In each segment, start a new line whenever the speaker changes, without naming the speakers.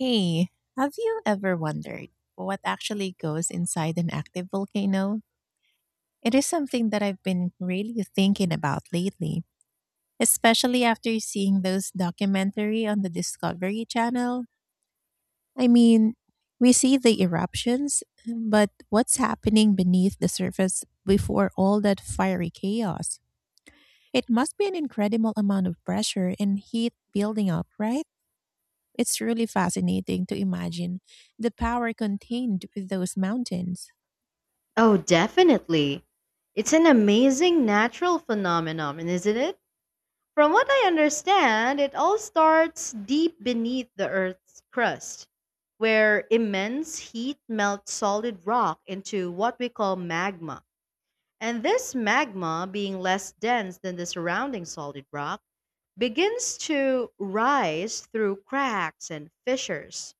Hey, have you ever wondered what actually goes inside an active volcano? It is something that I've been really thinking about lately, especially after seeing those documentary on the Discovery Channel. I mean, we see the eruptions, but what's happening beneath the surface before all that fiery chaos? It must be an incredible amount of pressure and heat building up, right? It's really fascinating to imagine the power contained with those mountains.
Oh, definitely. It's an amazing natural phenomenon, isn't it? From what I understand, it all starts deep beneath the Earth's crust, where immense heat melts solid rock into what we call magma. And this magma, being less dense than the surrounding solid rock, begins to rise through cracks and fissures,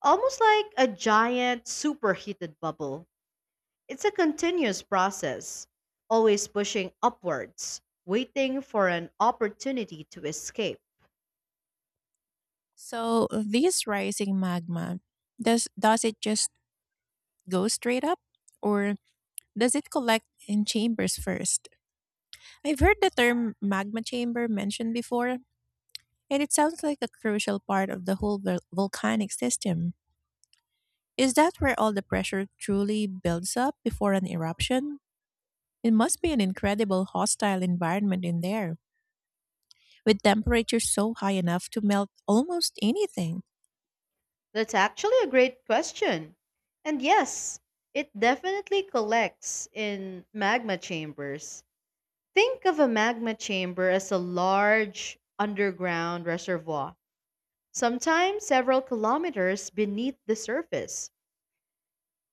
almost like a giant superheated bubble. It's a continuous process, always pushing upwards, waiting for an opportunity to escape.
So, this rising magma, does it just go straight up or does it collect in chambers first? I've heard the term magma chamber mentioned before, and it sounds like a crucial part of the whole volcanic system. Is that where all the pressure truly builds up before an eruption? It must be an incredible hostile environment in there, with temperatures so high enough to melt almost anything.
That's actually a great question. And yes, it definitely collects in magma chambers. Think of a magma chamber as a large underground reservoir, sometimes several kilometers beneath the surface,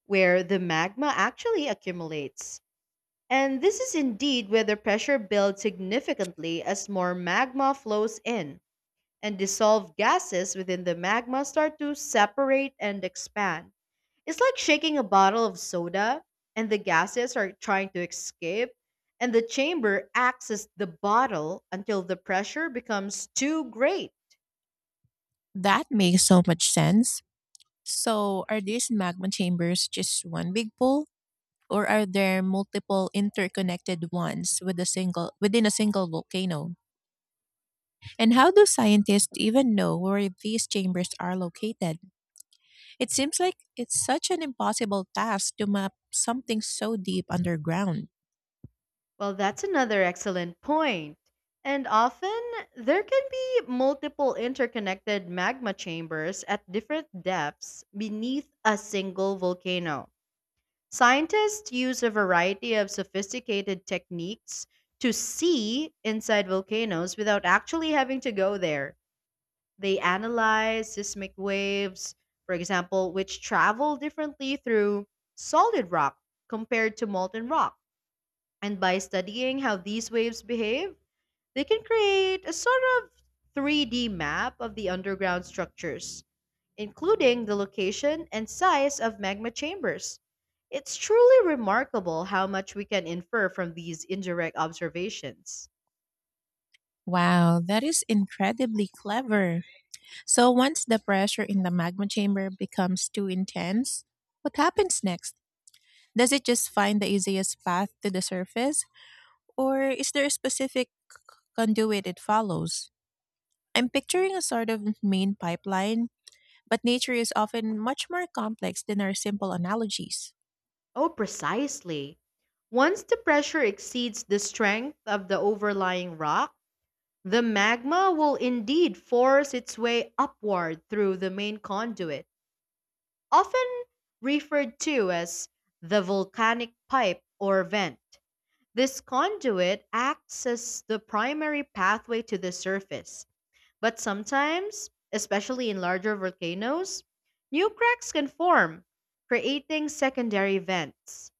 where the magma actually accumulates. And this is indeed where the pressure builds significantly as more magma flows in, and dissolved gases within the magma start to separate and expand. It's like shaking a bottle of soda, and the gases are trying to escape, and the chamber acts as the bottle until the pressure becomes too great.
That makes so much sense. So, are these magma chambers just one big pool, or are there multiple interconnected ones with a single within a single volcano? And how do scientists even know where these chambers are located? It seems like it's such an impossible task to map something so deep underground.
Well, that's another excellent point. And often, there can be multiple interconnected magma chambers at different depths beneath a single volcano. Scientists use a variety of sophisticated techniques to see inside volcanoes without actually having to go there. They analyze seismic waves, for example, which travel differently through solid rock compared to molten rock, and by studying how these waves behave, they can create a sort of 3D map of the underground structures, including the location and size of magma chambers. It's truly remarkable how much we can infer from these indirect observations.
Wow, that is incredibly clever. So, once the pressure in the magma chamber becomes too intense, what happens next? Does it just find the easiest path to the surface, or is there a specific conduit it follows? I'm picturing a sort of main pipeline, but nature is often much more complex than our simple analogies.
Oh, precisely. Once the pressure exceeds the strength of the overlying rock, the magma will indeed force its way upward through the main conduit, often referred to as the volcanic pipe or vent. This conduit acts as the primary pathway to the surface, but sometimes, especially in larger volcanoes, new cracks can form, creating secondary vents.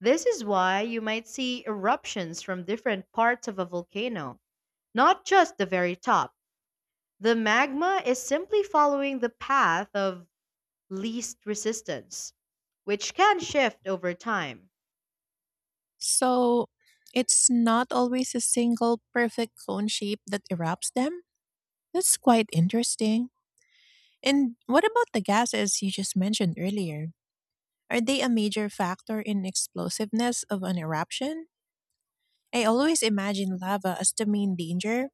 This is why you might see eruptions from different parts of a volcano, not just the very top. The magma is simply following the path of least resistance, which can shift over time.
So, it's not always a single perfect cone shape that erupts them? That's quite interesting. And what about the gases you just mentioned earlier? Are they a major factor in explosiveness of an eruption? I always imagine lava as the main danger,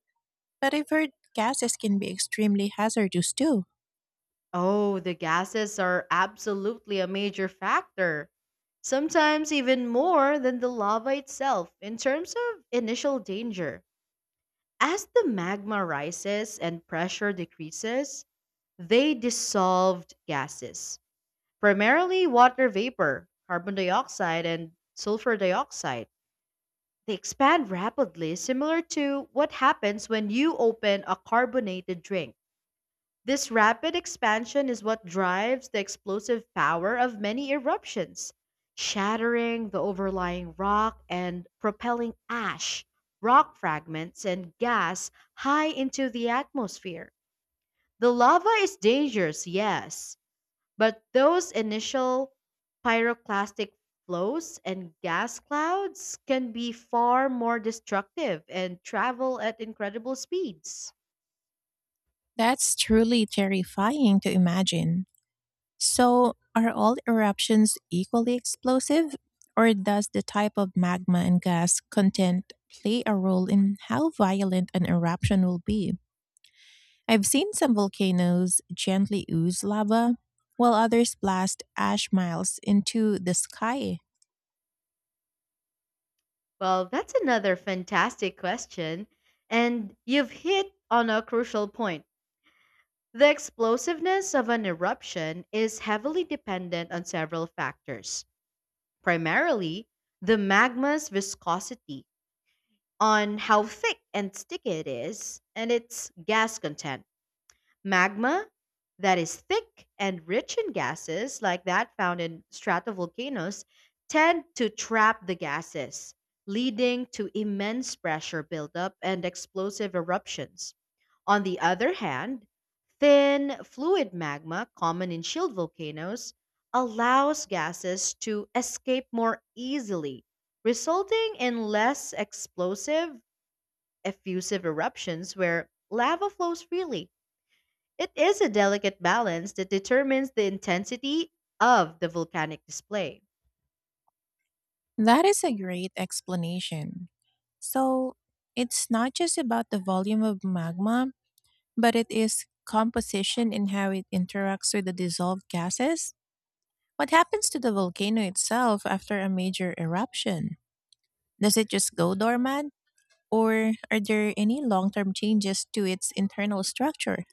but I've heard gases can be extremely hazardous too.
Oh, the gases are absolutely a major factor, sometimes even more than the lava itself in terms of initial danger. As the magma rises and pressure decreases, they dissolved gases, primarily water vapor, carbon dioxide, and sulfur dioxide. They expand rapidly, similar to what happens when you open a carbonated drink. This rapid expansion is what drives the explosive power of many eruptions, shattering the overlying rock and propelling ash, rock fragments, and gas high into the atmosphere. The lava is dangerous, yes, but those initial pyroclastic flows and gas clouds can be far more destructive and travel at incredible speeds.
That's truly terrifying to imagine. So, are all eruptions equally explosive? Or does the type of magma and gas content play a role in how violent an eruption will be? I've seen some volcanoes gently ooze lava, while others blast ash miles into the sky.
Well, that's another fantastic question. And you've hit on a crucial point. The explosiveness of an eruption is heavily dependent on several factors, primarily the magma's viscosity, on how thick and sticky it is, and its gas content. Magma that is thick and rich in gases, like that found in stratovolcanoes, tend to trap the gases, leading to immense pressure buildup and explosive eruptions. On the other hand, thin fluid magma, common in shield volcanoes, allows gases to escape more easily, resulting in less explosive, effusive eruptions where lava flows freely. It is a delicate balance that determines the intensity of the volcanic display.
That is a great explanation. So, it's not just about the volume of magma, but it is composition and how it interacts with the dissolved gases? What happens to the volcano itself after a major eruption? Does it just go dormant? Or are there any long term changes to its internal structure?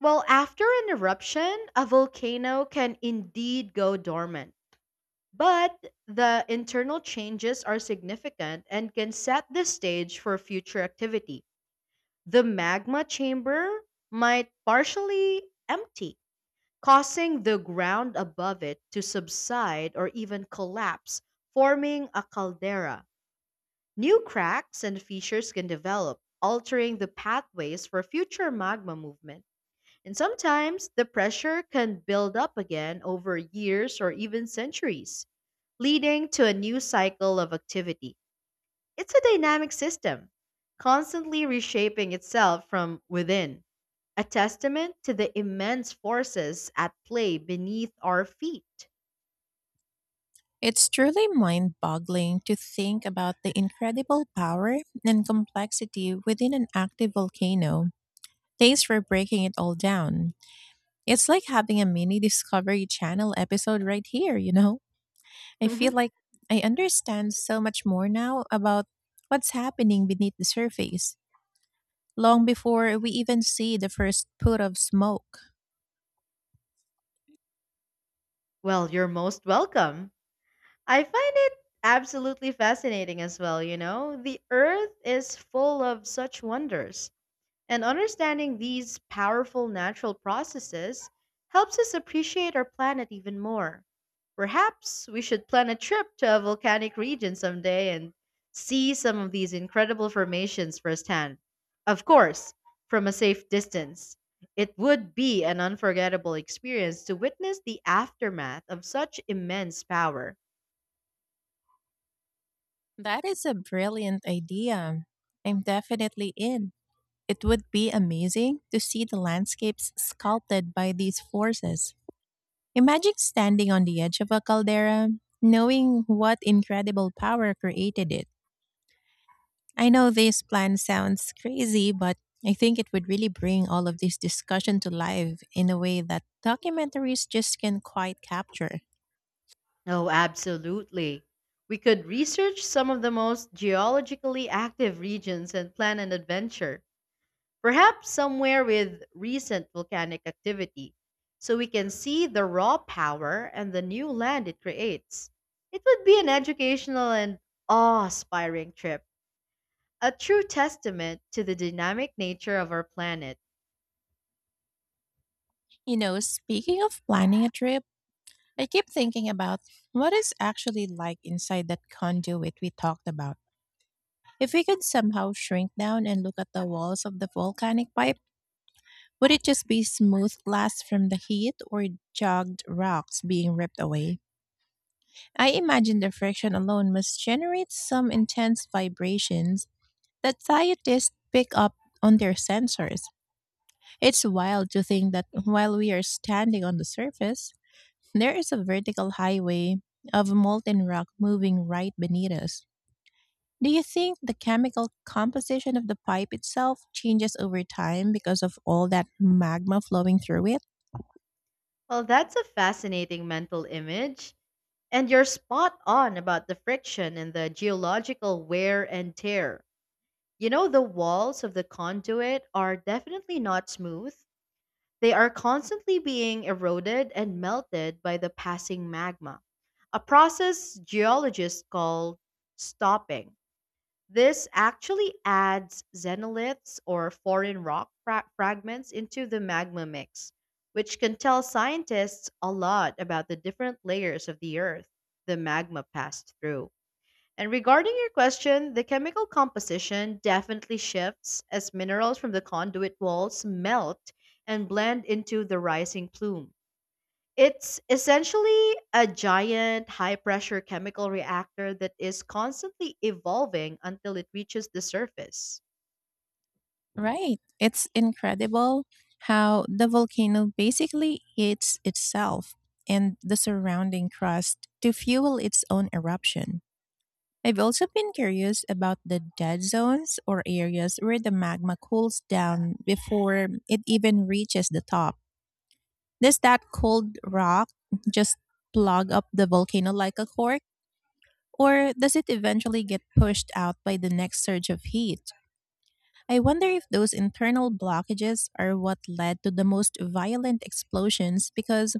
Well, after an eruption, a volcano can indeed go dormant, but the internal changes are significant and can set the stage for future activity. The magma chamber might partially empty, causing the ground above it to subside or even collapse, forming a caldera. New cracks and fissures can develop, altering the pathways for future magma movement. And sometimes the pressure can build up again over years or even centuries, leading to a new cycle of activity. It's a dynamic system, constantly reshaping itself from within, a testament to the immense forces at play beneath our feet.
It's truly mind boggling to think about the incredible power and complexity within an active volcano. Thanks for breaking it all down. It's like having a mini Discovery Channel episode right here, you know? I feel
Mhm.
like I understand so much more now about what's happening beneath the surface, long before we even see the first put of smoke.
Well, you're most welcome. I find it absolutely fascinating as well, you know? The earth is full of such wonders. And understanding these powerful natural processes helps us appreciate our planet even more. Perhaps we should plan a trip to a volcanic region someday and see some of these incredible formations firsthand. Of course, from a safe distance. It would be an unforgettable experience to witness the aftermath of such immense power.
That is a brilliant idea. I'm definitely in. It would be amazing to see the landscapes sculpted by these forces. Imagine standing on the edge of a caldera, knowing what incredible power created it. I know this plan sounds crazy, but I think it would really bring all of this discussion to life in a way that documentaries just can not quite capture.
Oh, absolutely. We could research some of the most geologically active regions and plan an adventure, perhaps somewhere with recent volcanic activity, so we can see the raw power and the new land it creates. It would be an educational and awe inspiring trip, a true testament to the dynamic nature of our planet.
You know, speaking of planning a trip, I keep thinking about what is actually like inside that conduit we talked about. If we could somehow shrink down and look at the walls of the volcanic pipe, would it just be smooth glass from the heat or jagged rocks being ripped away? I imagine the friction alone must generate some intense vibrations that scientists pick up on their sensors. It's wild to think that while we are standing on the surface, there is a vertical highway of molten rock moving right beneath us. Do you think the chemical composition of the pipe itself changes over time because of all that magma flowing through it?
Well, that's a fascinating mental image. And you're spot on about the friction and the geological wear and tear. You know, the walls of the conduit are definitely not smooth. They are constantly being eroded and melted by the passing magma, a process geologists call stopping. This actually adds xenoliths or foreign rock fragments into the magma mix, which can tell scientists a lot about the different layers of the Earth the magma passed through. And regarding your question, the chemical composition definitely shifts as minerals from the conduit walls melt and blend into the rising plume. It's essentially a giant high pressure chemical reactor that is constantly evolving until it reaches the surface.
Right. It's incredible how the volcano basically eats itself and the surrounding crust to fuel its own eruption. I've also been curious about the dead zones or areas where the magma cools down before it even reaches the top. Does that cold rock just plug up the volcano like a cork, or does it eventually get pushed out by the next surge of heat? I wonder if those internal blockages are what led to the most violent explosions because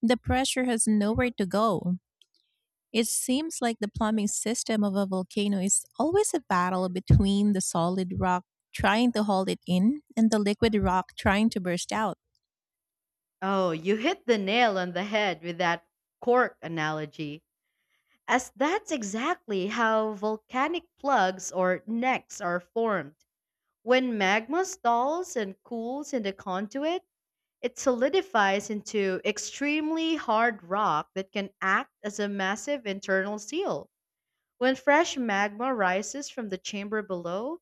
the pressure has nowhere to go. It seems like the plumbing system of a volcano is always a battle between the solid rock trying to hold it in and the liquid rock trying to burst out.
Oh, you hit the nail on the head with that cork analogy, as that's exactly how volcanic plugs or necks are formed. When magma stalls and cools in the conduit, it solidifies into extremely hard rock that can act as a massive internal seal. When fresh magma rises from the chamber below,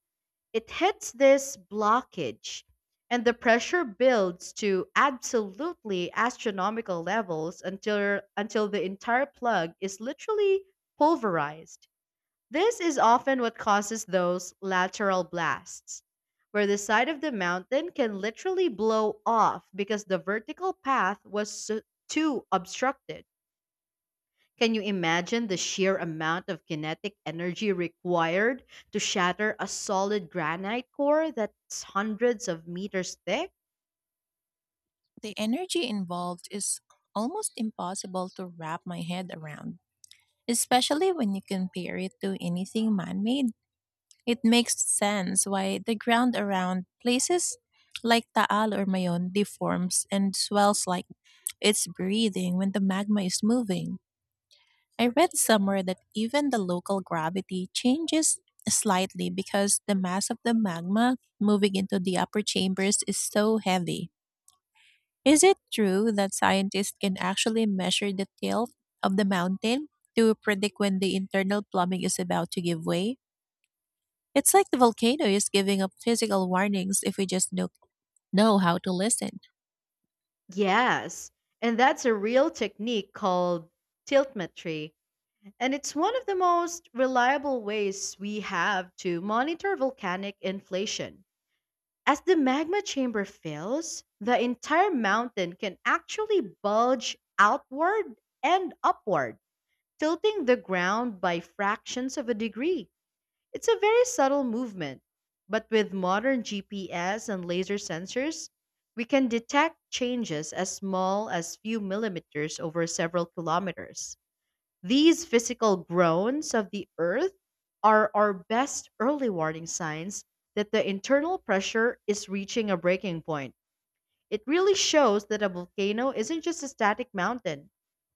it hits this blockage, and the pressure builds to absolutely astronomical levels until, the entire plug is literally pulverized. This is often what causes those lateral blasts, where the side of the mountain can literally blow off because the vertical path was too obstructed. Can you imagine the sheer amount of kinetic energy required to shatter a solid granite core that's hundreds of meters thick?
The energy involved is almost impossible to wrap my head around, especially when you compare it to anything man made. It makes sense why the ground around places like Taal or Mayon deforms and swells like it's breathing when the magma is moving. I read somewhere that even the local gravity changes slightly because the mass of the magma moving into the upper chambers is so heavy. Is it true that scientists can actually measure the tilt of the mountain to predict when the internal plumbing is about to give way? It's like the volcano is giving up physical warnings if we just know how to listen.
Yes, and that's a real technique called tiltmetry, and it's one of the most reliable ways we have to monitor volcanic inflation. As the magma chamber fills, the entire mountain can actually bulge outward and upward, tilting the ground by fractions of a degree. It's a very subtle movement, but with modern GPS and laser sensors, we can detect changes as small as few millimeters over several kilometers. These physical groans of the Earth are our best early warning signs that the internal pressure is reaching a breaking point. It really shows that a volcano isn't just a static mountain,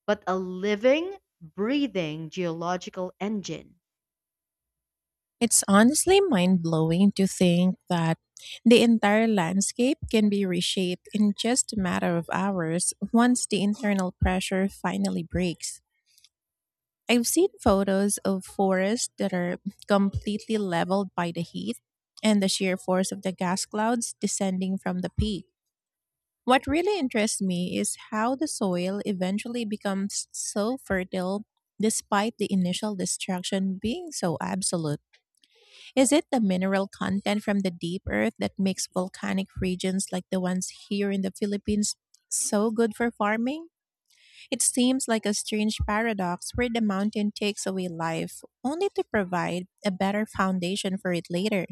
but a living, breathing geological engine.
It's honestly mind blowing to think that the entire landscape can be reshaped in just a matter of hours once the internal pressure finally breaks. I've seen photos of forests that are completely leveled by the heat and the sheer force of the gas clouds descending from the peak. What really interests me is how the soil eventually becomes so fertile despite the initial destruction being so absolute. Is it the mineral content from the deep earth that makes volcanic regions like the ones here in the Philippines so good for farming? It seems like a strange paradox where the mountain takes away life only to provide a better foundation for it later.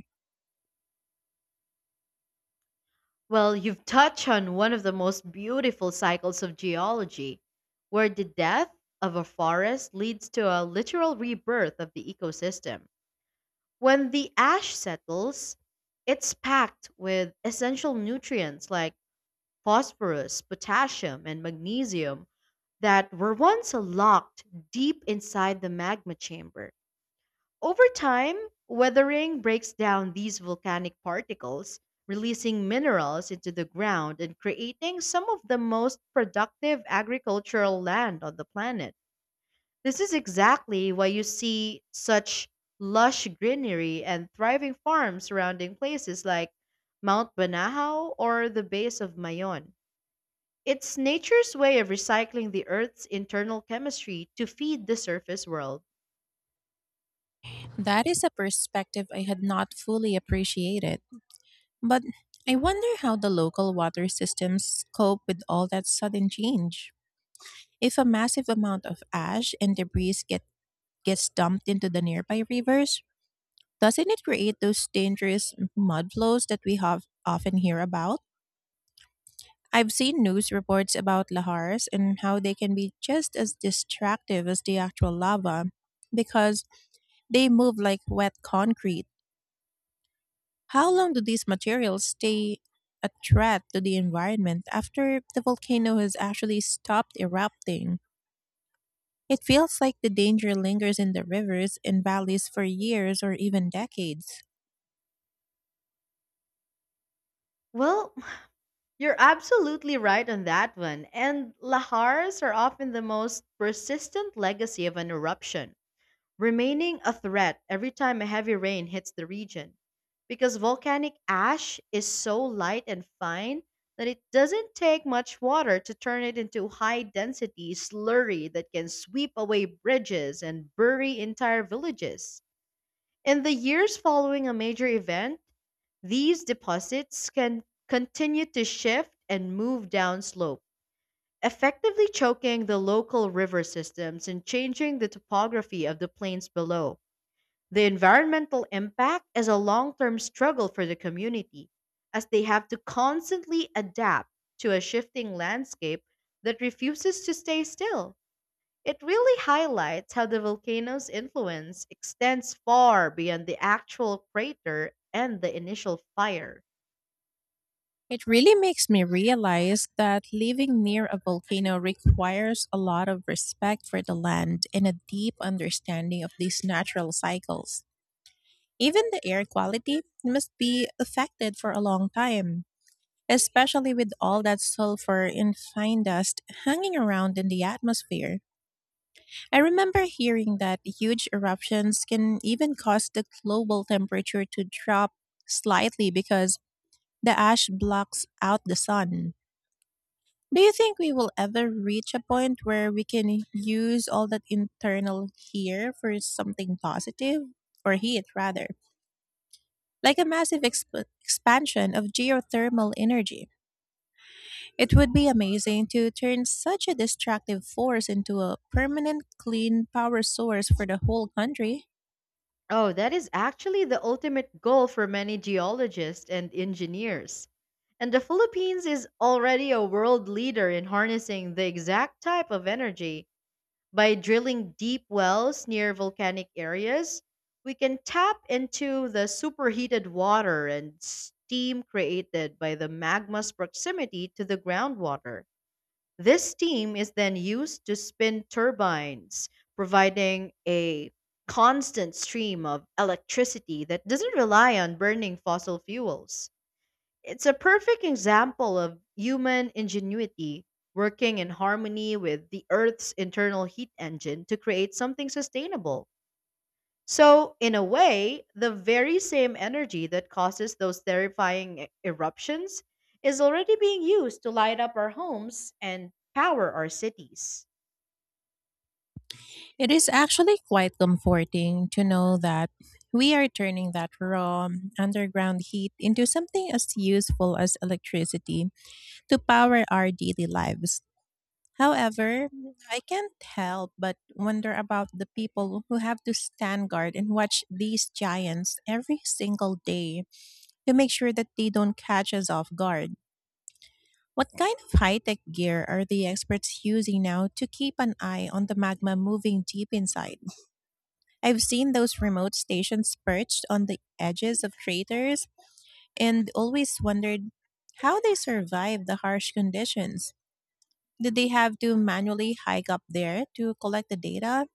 Well, you've touched on one of the most beautiful cycles of geology, where the death of a forest leads to a literal rebirth of the ecosystem. When the ash settles, it's packed with essential nutrients like phosphorus, potassium, and magnesium that were once locked deep inside the magma chamber. Over time, weathering breaks down these volcanic particles, releasing minerals into the ground and creating some of the most productive agricultural land on the planet. This is exactly why you see such lush greenery and thriving farms surrounding places like Mount Banahaw or the base of Mayon. It's nature's way of recycling the Earth's internal chemistry to feed the surface world.
That is a perspective I had not fully appreciated. But I wonder how the local water systems cope with all that sudden change. If a massive amount of ash and debris gets dumped into the nearby rivers, doesn't it create those dangerous mud flows that we have often hear about? I've seen news reports about lahars and how they can be just as destructive as the actual lava because they move like wet concrete. How long do these materials stay a threat to the environment after the volcano has actually stopped erupting? It feels like the danger lingers in the rivers and valleys for years or even decades.
Well, you're absolutely right on that one, and lahars are often the most persistent legacy of an eruption, remaining a threat every time a heavy rain hits the region. Because volcanic ash is so light and fine that it doesn't take much water to turn it into high density slurry that can sweep away bridges and bury entire villages. In the years following a major event, these deposits can continue to shift and move downslope, effectively choking the local river systems and changing the topography of the plains below. The environmental impact is a long term struggle for the community, as they have to constantly adapt to a shifting landscape that refuses to stay still. It really highlights how the volcano's influence extends far beyond the actual crater and the initial fire.
It really makes me realize that living near a volcano requires a lot of respect for the land and a deep understanding of these natural cycles. Even the air quality must be affected for a long time, especially with all that sulfur and fine dust hanging around in the atmosphere. I remember hearing that huge eruptions can even cause the global temperature to drop slightly because the ash blocks out the sun. Do you think we will ever reach a point where we can use all that internal here for something positive, or heat rather, like a massive expansion of geothermal energy? It would be amazing to turn such a destructive force into a permanent clean power source for the whole country.
Oh, that is actually the ultimate goal for many geologists and engineers. And the Philippines is already a world leader in harnessing the exact type of energy. By drilling deep wells near volcanic areas, we can tap into the superheated water and steam created by the magma's proximity to the groundwater. This steam is then used to spin turbines, providing a constant stream of electricity that doesn't rely on burning fossil fuels. It's a perfect example of human ingenuity working in harmony with the Earth's internal heat engine to create something sustainable. So, in a way, the very same energy that causes those terrifying eruptions is already being used to light up our homes and power our cities.
It is actually quite comforting to know that we are turning that raw underground heat into something as useful as electricity to power our daily lives. However, I can't help but wonder about the people who have to stand guard and watch these giants every single day to make sure that they don't catch us off guard. What kind of high tech gear are the experts using now to keep an eye on the magma moving deep inside? I've seen those remote stations perched on the edges of craters and always wondered how they survive the harsh conditions. Did they have to manually hike up there to collect the data?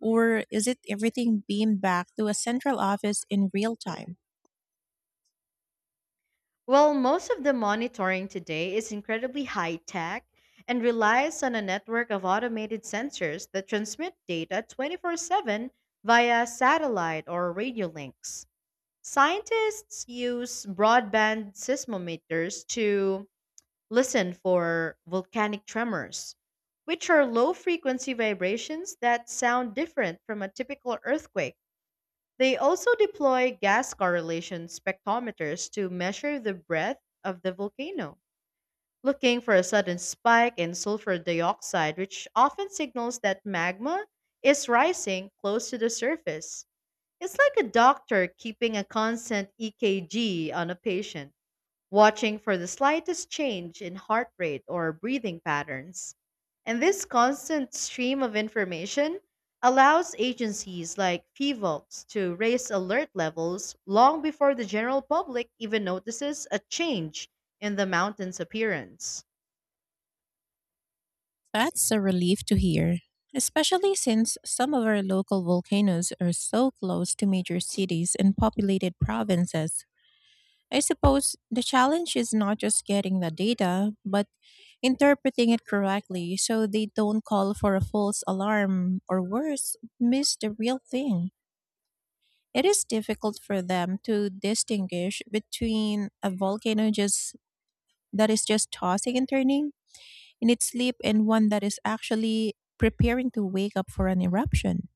Or is it everything beamed back to a central office in real time?
Well, most of the monitoring today is incredibly high tech and relies on a network of automated sensors that transmit data 24/7 via satellite or radio links. Scientists use broadband seismometers to listen for volcanic tremors, which are low frequency vibrations that sound different from a typical earthquake. They also deploy gas correlation spectrometers to measure the breadth of the volcano, looking for a sudden spike in sulfur dioxide, which often signals that magma is rising close to the surface. It's like a doctor keeping a constant EKG on a patient, watching for the slightest change in heart rate or breathing patterns. And this constant stream of information allows agencies like FIVOX to raise alert levels long before the general public even notices a change in the mountain's appearance.
That's a relief to hear, especially since some of our local volcanoes are so close to major cities and populated provinces. I suppose the challenge is not just getting the data, but interpreting it correctly so they don't call for a false alarm or worse, miss the real thing. It is difficult for them to distinguish between a volcano just that is just tossing and turning in its sleep and one that is actually preparing to wake up for an eruption.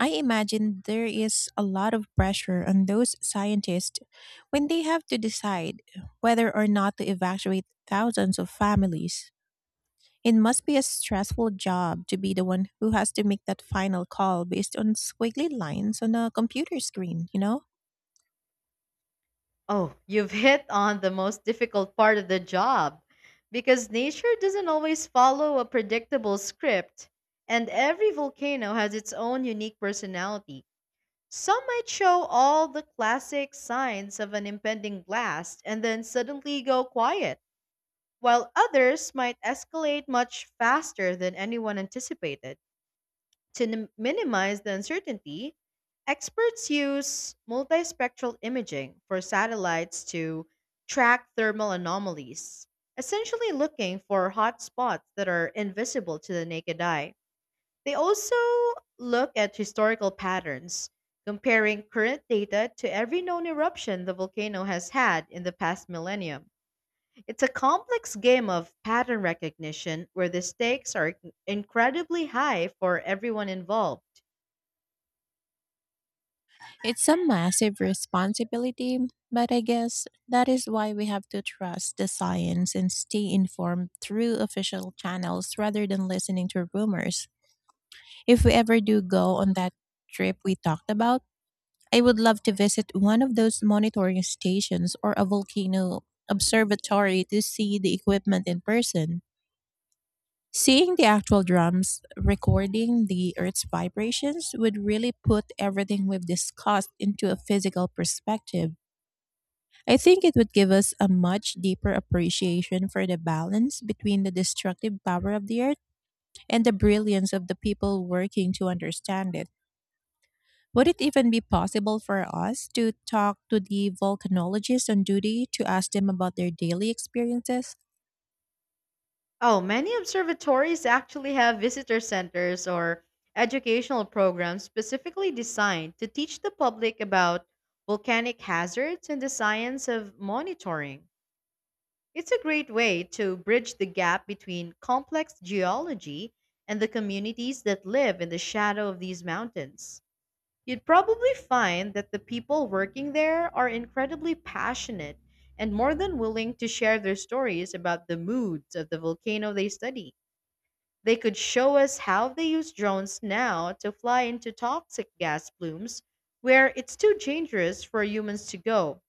I imagine there is a lot of pressure on those scientists when they have to decide whether or not to evacuate thousands of families. It must be a stressful job to be the one who has to make that final call based on squiggly lines on a computer screen, you know?
Oh, you've hit on the most difficult part of the job, because nature doesn't always follow a predictable script, and every volcano has its own unique personality. Some might show all the classic signs of an impending blast and then suddenly go quiet, while others might escalate much faster than anyone anticipated. To minimize the uncertainty, experts use multispectral imaging for satellites to track thermal anomalies, essentially looking for hot spots that are invisible to the naked eye. They also look at historical patterns, comparing current data to every known eruption the volcano has had in the past millennium. It's a complex game of pattern recognition where the stakes are incredibly high for everyone involved.
It's a massive responsibility, but I guess that is why we have to trust the science and stay informed through official channels rather than listening to rumors. If we ever do go on that trip we talked about, I would love to visit one of those monitoring stations or a volcano observatory to see the equipment in person. Seeing the actual drums recording the Earth's vibrations would really put everything we've discussed into a physical perspective. I think it would give us a much deeper appreciation for the balance between the destructive power of the earth and the brilliance of the people working to understand it. Would it even be possible for us to talk to the volcanologists on duty to ask them about their daily experiences?
Oh, many observatories actually have visitor centers or educational programs specifically designed to teach the public about volcanic hazards and the science of monitoring. It's a great way to bridge the gap between complex geology and the communities that live in the shadow of these mountains. You'd probably find that the people working there are incredibly passionate, and more than willing to share their stories about the moods of the volcano they study. They could show us how they use drones now to fly into toxic gas plumes where it's too dangerous for humans to go,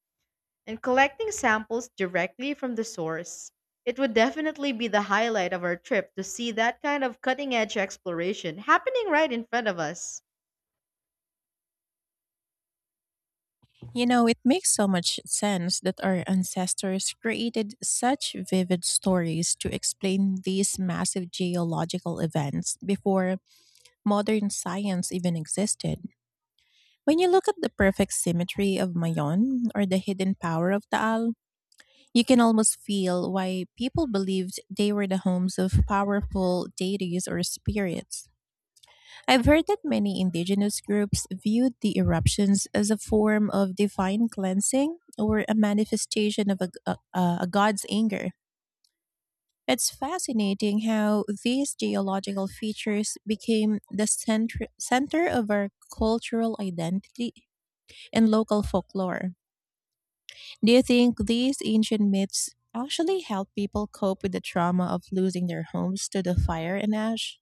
and collecting samples directly from the source. It would definitely be the highlight of our trip to see that kind of cutting edge exploration happening right in front of us.
You know, it makes so much sense that our ancestors created such vivid stories to explain these massive geological events before modern science even existed. When you look at the perfect symmetry of Mayon or the hidden power of Taal, you can almost feel why people believed they were the homes of powerful deities or spirits. I've heard that many indigenous groups viewed the eruptions as a form of divine cleansing or a manifestation of a god's anger. It's fascinating how these geological features became the center of our cultural identity and local folklore. Do you think these ancient myths actually help people cope with the trauma of losing their homes to the fire and ash?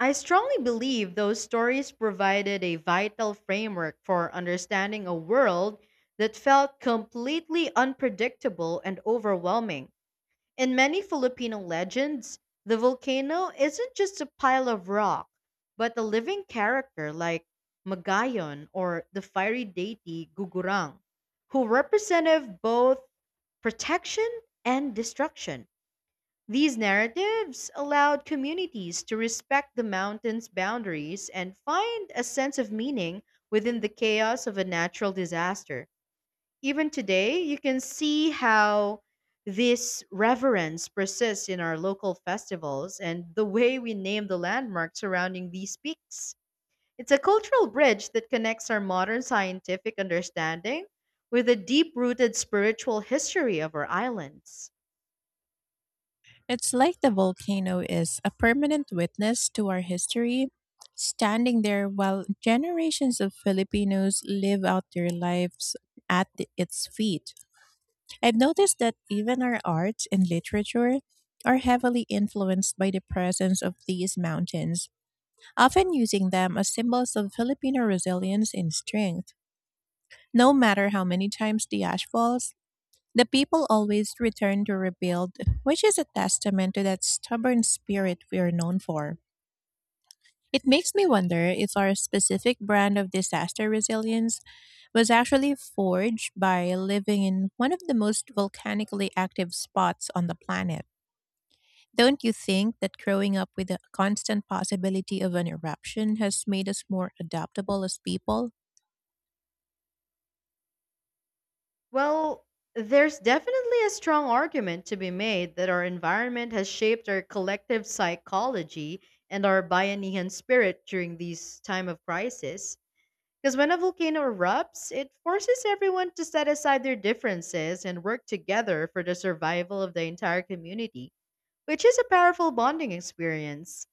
I strongly believe those stories provided a vital framework for understanding a world that felt completely unpredictable and overwhelming. In many Filipino legends, the volcano isn't just a pile of rock, but a living character like Magayon or the fiery deity Gugurang, who represented both protection and destruction. These narratives allowed communities to respect the mountain's boundaries and find a sense of meaning within the chaos of a natural disaster. Even today, you can see how this reverence persists in our local festivals and the way we name the landmarks surrounding these peaks. It's a cultural bridge that connects our modern scientific understanding with the deep rooted spiritual history of our islands.
It's like the volcano is a permanent witness to our history, standing there while generations of Filipinos live out their lives at its feet. I've noticed that even our art and literature are heavily influenced by the presence of these mountains, often using them as symbols of Filipino resilience and strength. No matter how many times the ash falls, the people always return to rebuild, which is a testament to that stubborn spirit we are known for. It makes me wonder if our specific brand of disaster resilience was actually forged by living in one of the most volcanically active spots on the planet. Don't you think that growing up with the constant possibility of an eruption has made us more adaptable as people?
Well, there's definitely a strong argument to be made that our environment has shaped our collective psychology and our Bayanihan spirit during these time of crisis. Because when a volcano erupts, it forces everyone to set aside their differences and work together for the survival of the entire community, which is a powerful bonding experience.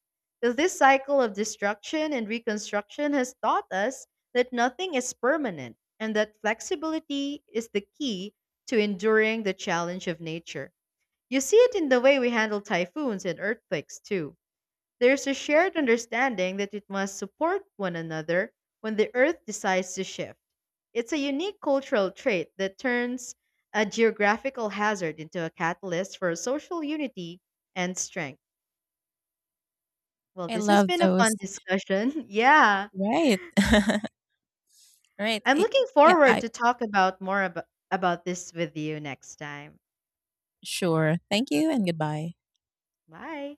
So this cycle of destruction and reconstruction has taught us that nothing is permanent, and that flexibility is the key to enduring the challenge of nature. You see it in the way we handle typhoons and earthquakes, too. There's a shared understanding that it must support one another when the Earth decides to shift. It's a unique cultural trait that turns a geographical hazard into a catalyst for social unity and strength. Well,
I
this has
love
been a fun
those.
discussion. Yeah.
Right. All right.
I'm looking
Yeah,
forward
I
to talk about about this with you next time.
sure. Thank you and goodbye.
Bye.